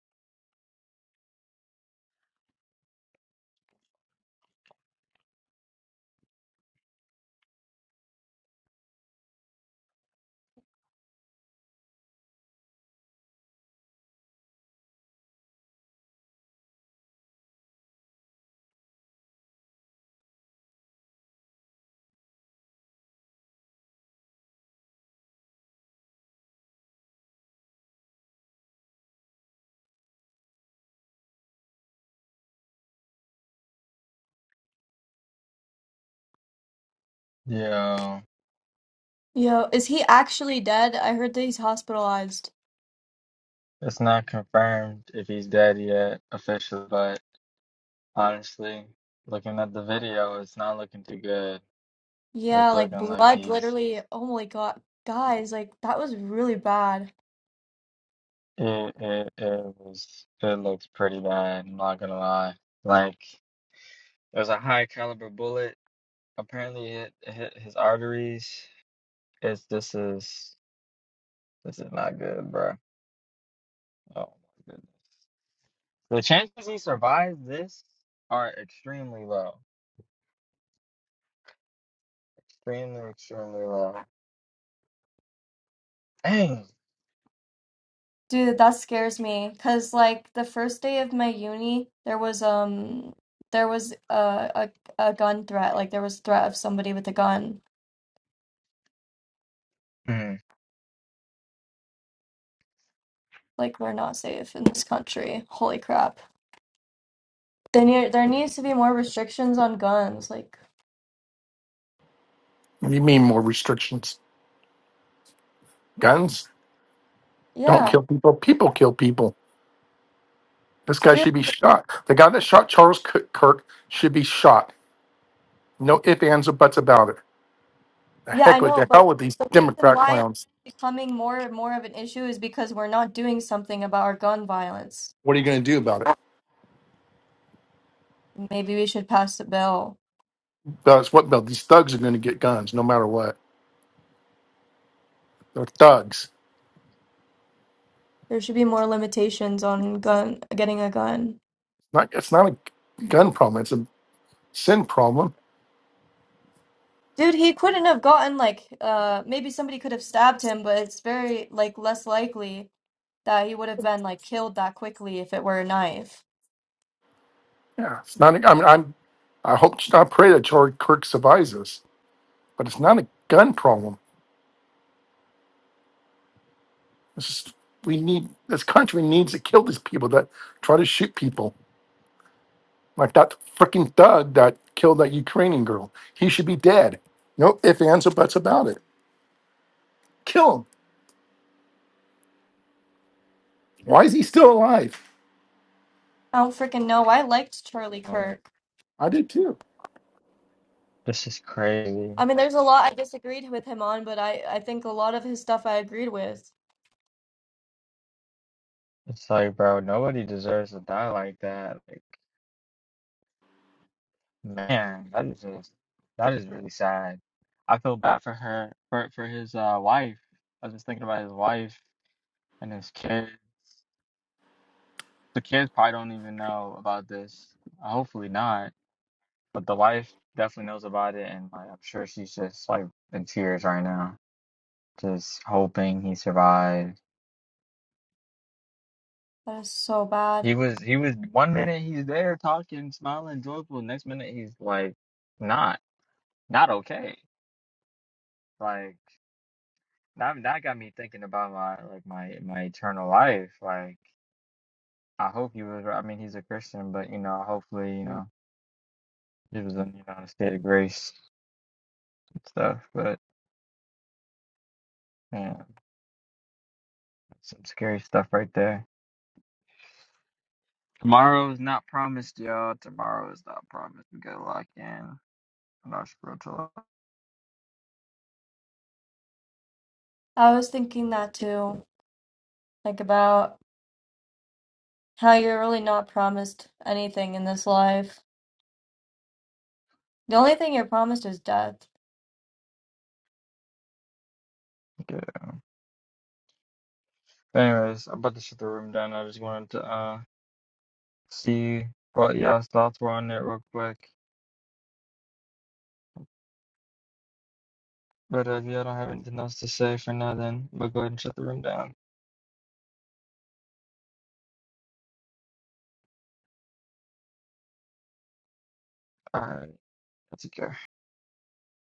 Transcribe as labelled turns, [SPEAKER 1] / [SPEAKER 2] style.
[SPEAKER 1] Yeah,
[SPEAKER 2] Yo, is he actually dead? I heard that he's hospitalized.
[SPEAKER 1] it's not confirmed if he's dead yet officially, but honestly, looking at the video, it's not looking too good.
[SPEAKER 2] Yeah,
[SPEAKER 1] It's
[SPEAKER 2] like
[SPEAKER 1] looking like
[SPEAKER 2] blood
[SPEAKER 1] he's
[SPEAKER 2] literally. Oh my God. Guys, like that was really bad.
[SPEAKER 1] it it it was it looks pretty bad, I'm not gonna lie. Like it was a high caliber bullet. Apparently it hit his arteries. It's this is this is not good, bro. Oh my goodness. The chances he survives this are extremely low. Extremely, extremely low. Dang.
[SPEAKER 2] Dude, that scares me. 'Cause like the first day of my uni, there was um there was a a, a gun threat. Like there was threat of somebody with a gun. Like we're not safe in this country. Holy crap. There need there needs to be more restrictions on guns. Like,
[SPEAKER 3] You mean more restrictions? Guns don't
[SPEAKER 2] yeah.
[SPEAKER 3] kill people. People kill people. This guy
[SPEAKER 2] dude.
[SPEAKER 3] should be shot. The guy that shot Charles K- Kirk should be shot. No ifs, ands, or buts about it. The
[SPEAKER 2] Yeah, I
[SPEAKER 3] heck with
[SPEAKER 2] know,
[SPEAKER 3] the
[SPEAKER 2] but
[SPEAKER 3] hell with these
[SPEAKER 2] the reason
[SPEAKER 3] Democrat
[SPEAKER 2] why
[SPEAKER 3] clowns.
[SPEAKER 2] it's becoming more and more of an issue is because we're not doing something about our gun violence.
[SPEAKER 3] What are you going to do about it?
[SPEAKER 2] Maybe we should pass a bill.
[SPEAKER 3] That's what Bill. These thugs are going to get guns no matter what. They're thugs.
[SPEAKER 2] There should be more limitations on gun getting a gun.
[SPEAKER 3] Not it's not a gun problem. It's a sin problem.
[SPEAKER 2] Dude, he couldn't have gotten like uh maybe somebody could have stabbed him, but it's very like less likely that he would have been like killed that quickly if it were a knife.
[SPEAKER 3] Yeah, it's not. A, I mean, I'm. I hope. I pray that Charlie Kirk survives us, but it's not a gun problem. This is, we need this country needs to kill these people that try to shoot people, like that freaking thug that killed that Ukrainian girl. He should be dead. No if ands, or buts about it. Kill him. Why is he still alive?
[SPEAKER 2] I don't freaking know. I liked Charlie
[SPEAKER 1] Um,
[SPEAKER 2] Kirk.
[SPEAKER 3] I did too.
[SPEAKER 1] this is crazy.
[SPEAKER 2] I mean, there's a lot I disagreed with him on, but I I think a lot of his stuff I agreed with.
[SPEAKER 1] It's like, bro, nobody deserves to die like that. Like, man, that is just that is really sad. I feel bad for her, for for his uh wife. I was just thinking about his wife and his kids. The kids probably don't even know about this. Uh, Hopefully not, but the wife definitely knows about it, and like, I'm sure she's just like in tears right now, just hoping he survives.
[SPEAKER 2] That is so bad.
[SPEAKER 1] He was he was one minute he's there talking, smiling, joyful. Next minute he's like not not okay. Like that that got me thinking about my like my my eternal life. Like I hope he was. I mean, he's a Christian, but you know, hopefully, you know, he was in you know a state of grace and stuff. But yeah, some scary stuff right there. Tomorrow is not promised, y'all. Tomorrow is not promised. We gotta lock in. I'm not sure till.
[SPEAKER 2] I was thinking that too, like about how you're really not promised anything in this life. The only thing you're promised is death.
[SPEAKER 1] Yeah. Anyways, I'm about to shut the room down. I just wanted to uh. See, what y'all thoughts were on it real quick. But uh, if y'all don't have anything else to say for now, then we'll go ahead and shut the room down. Alright, that's okay.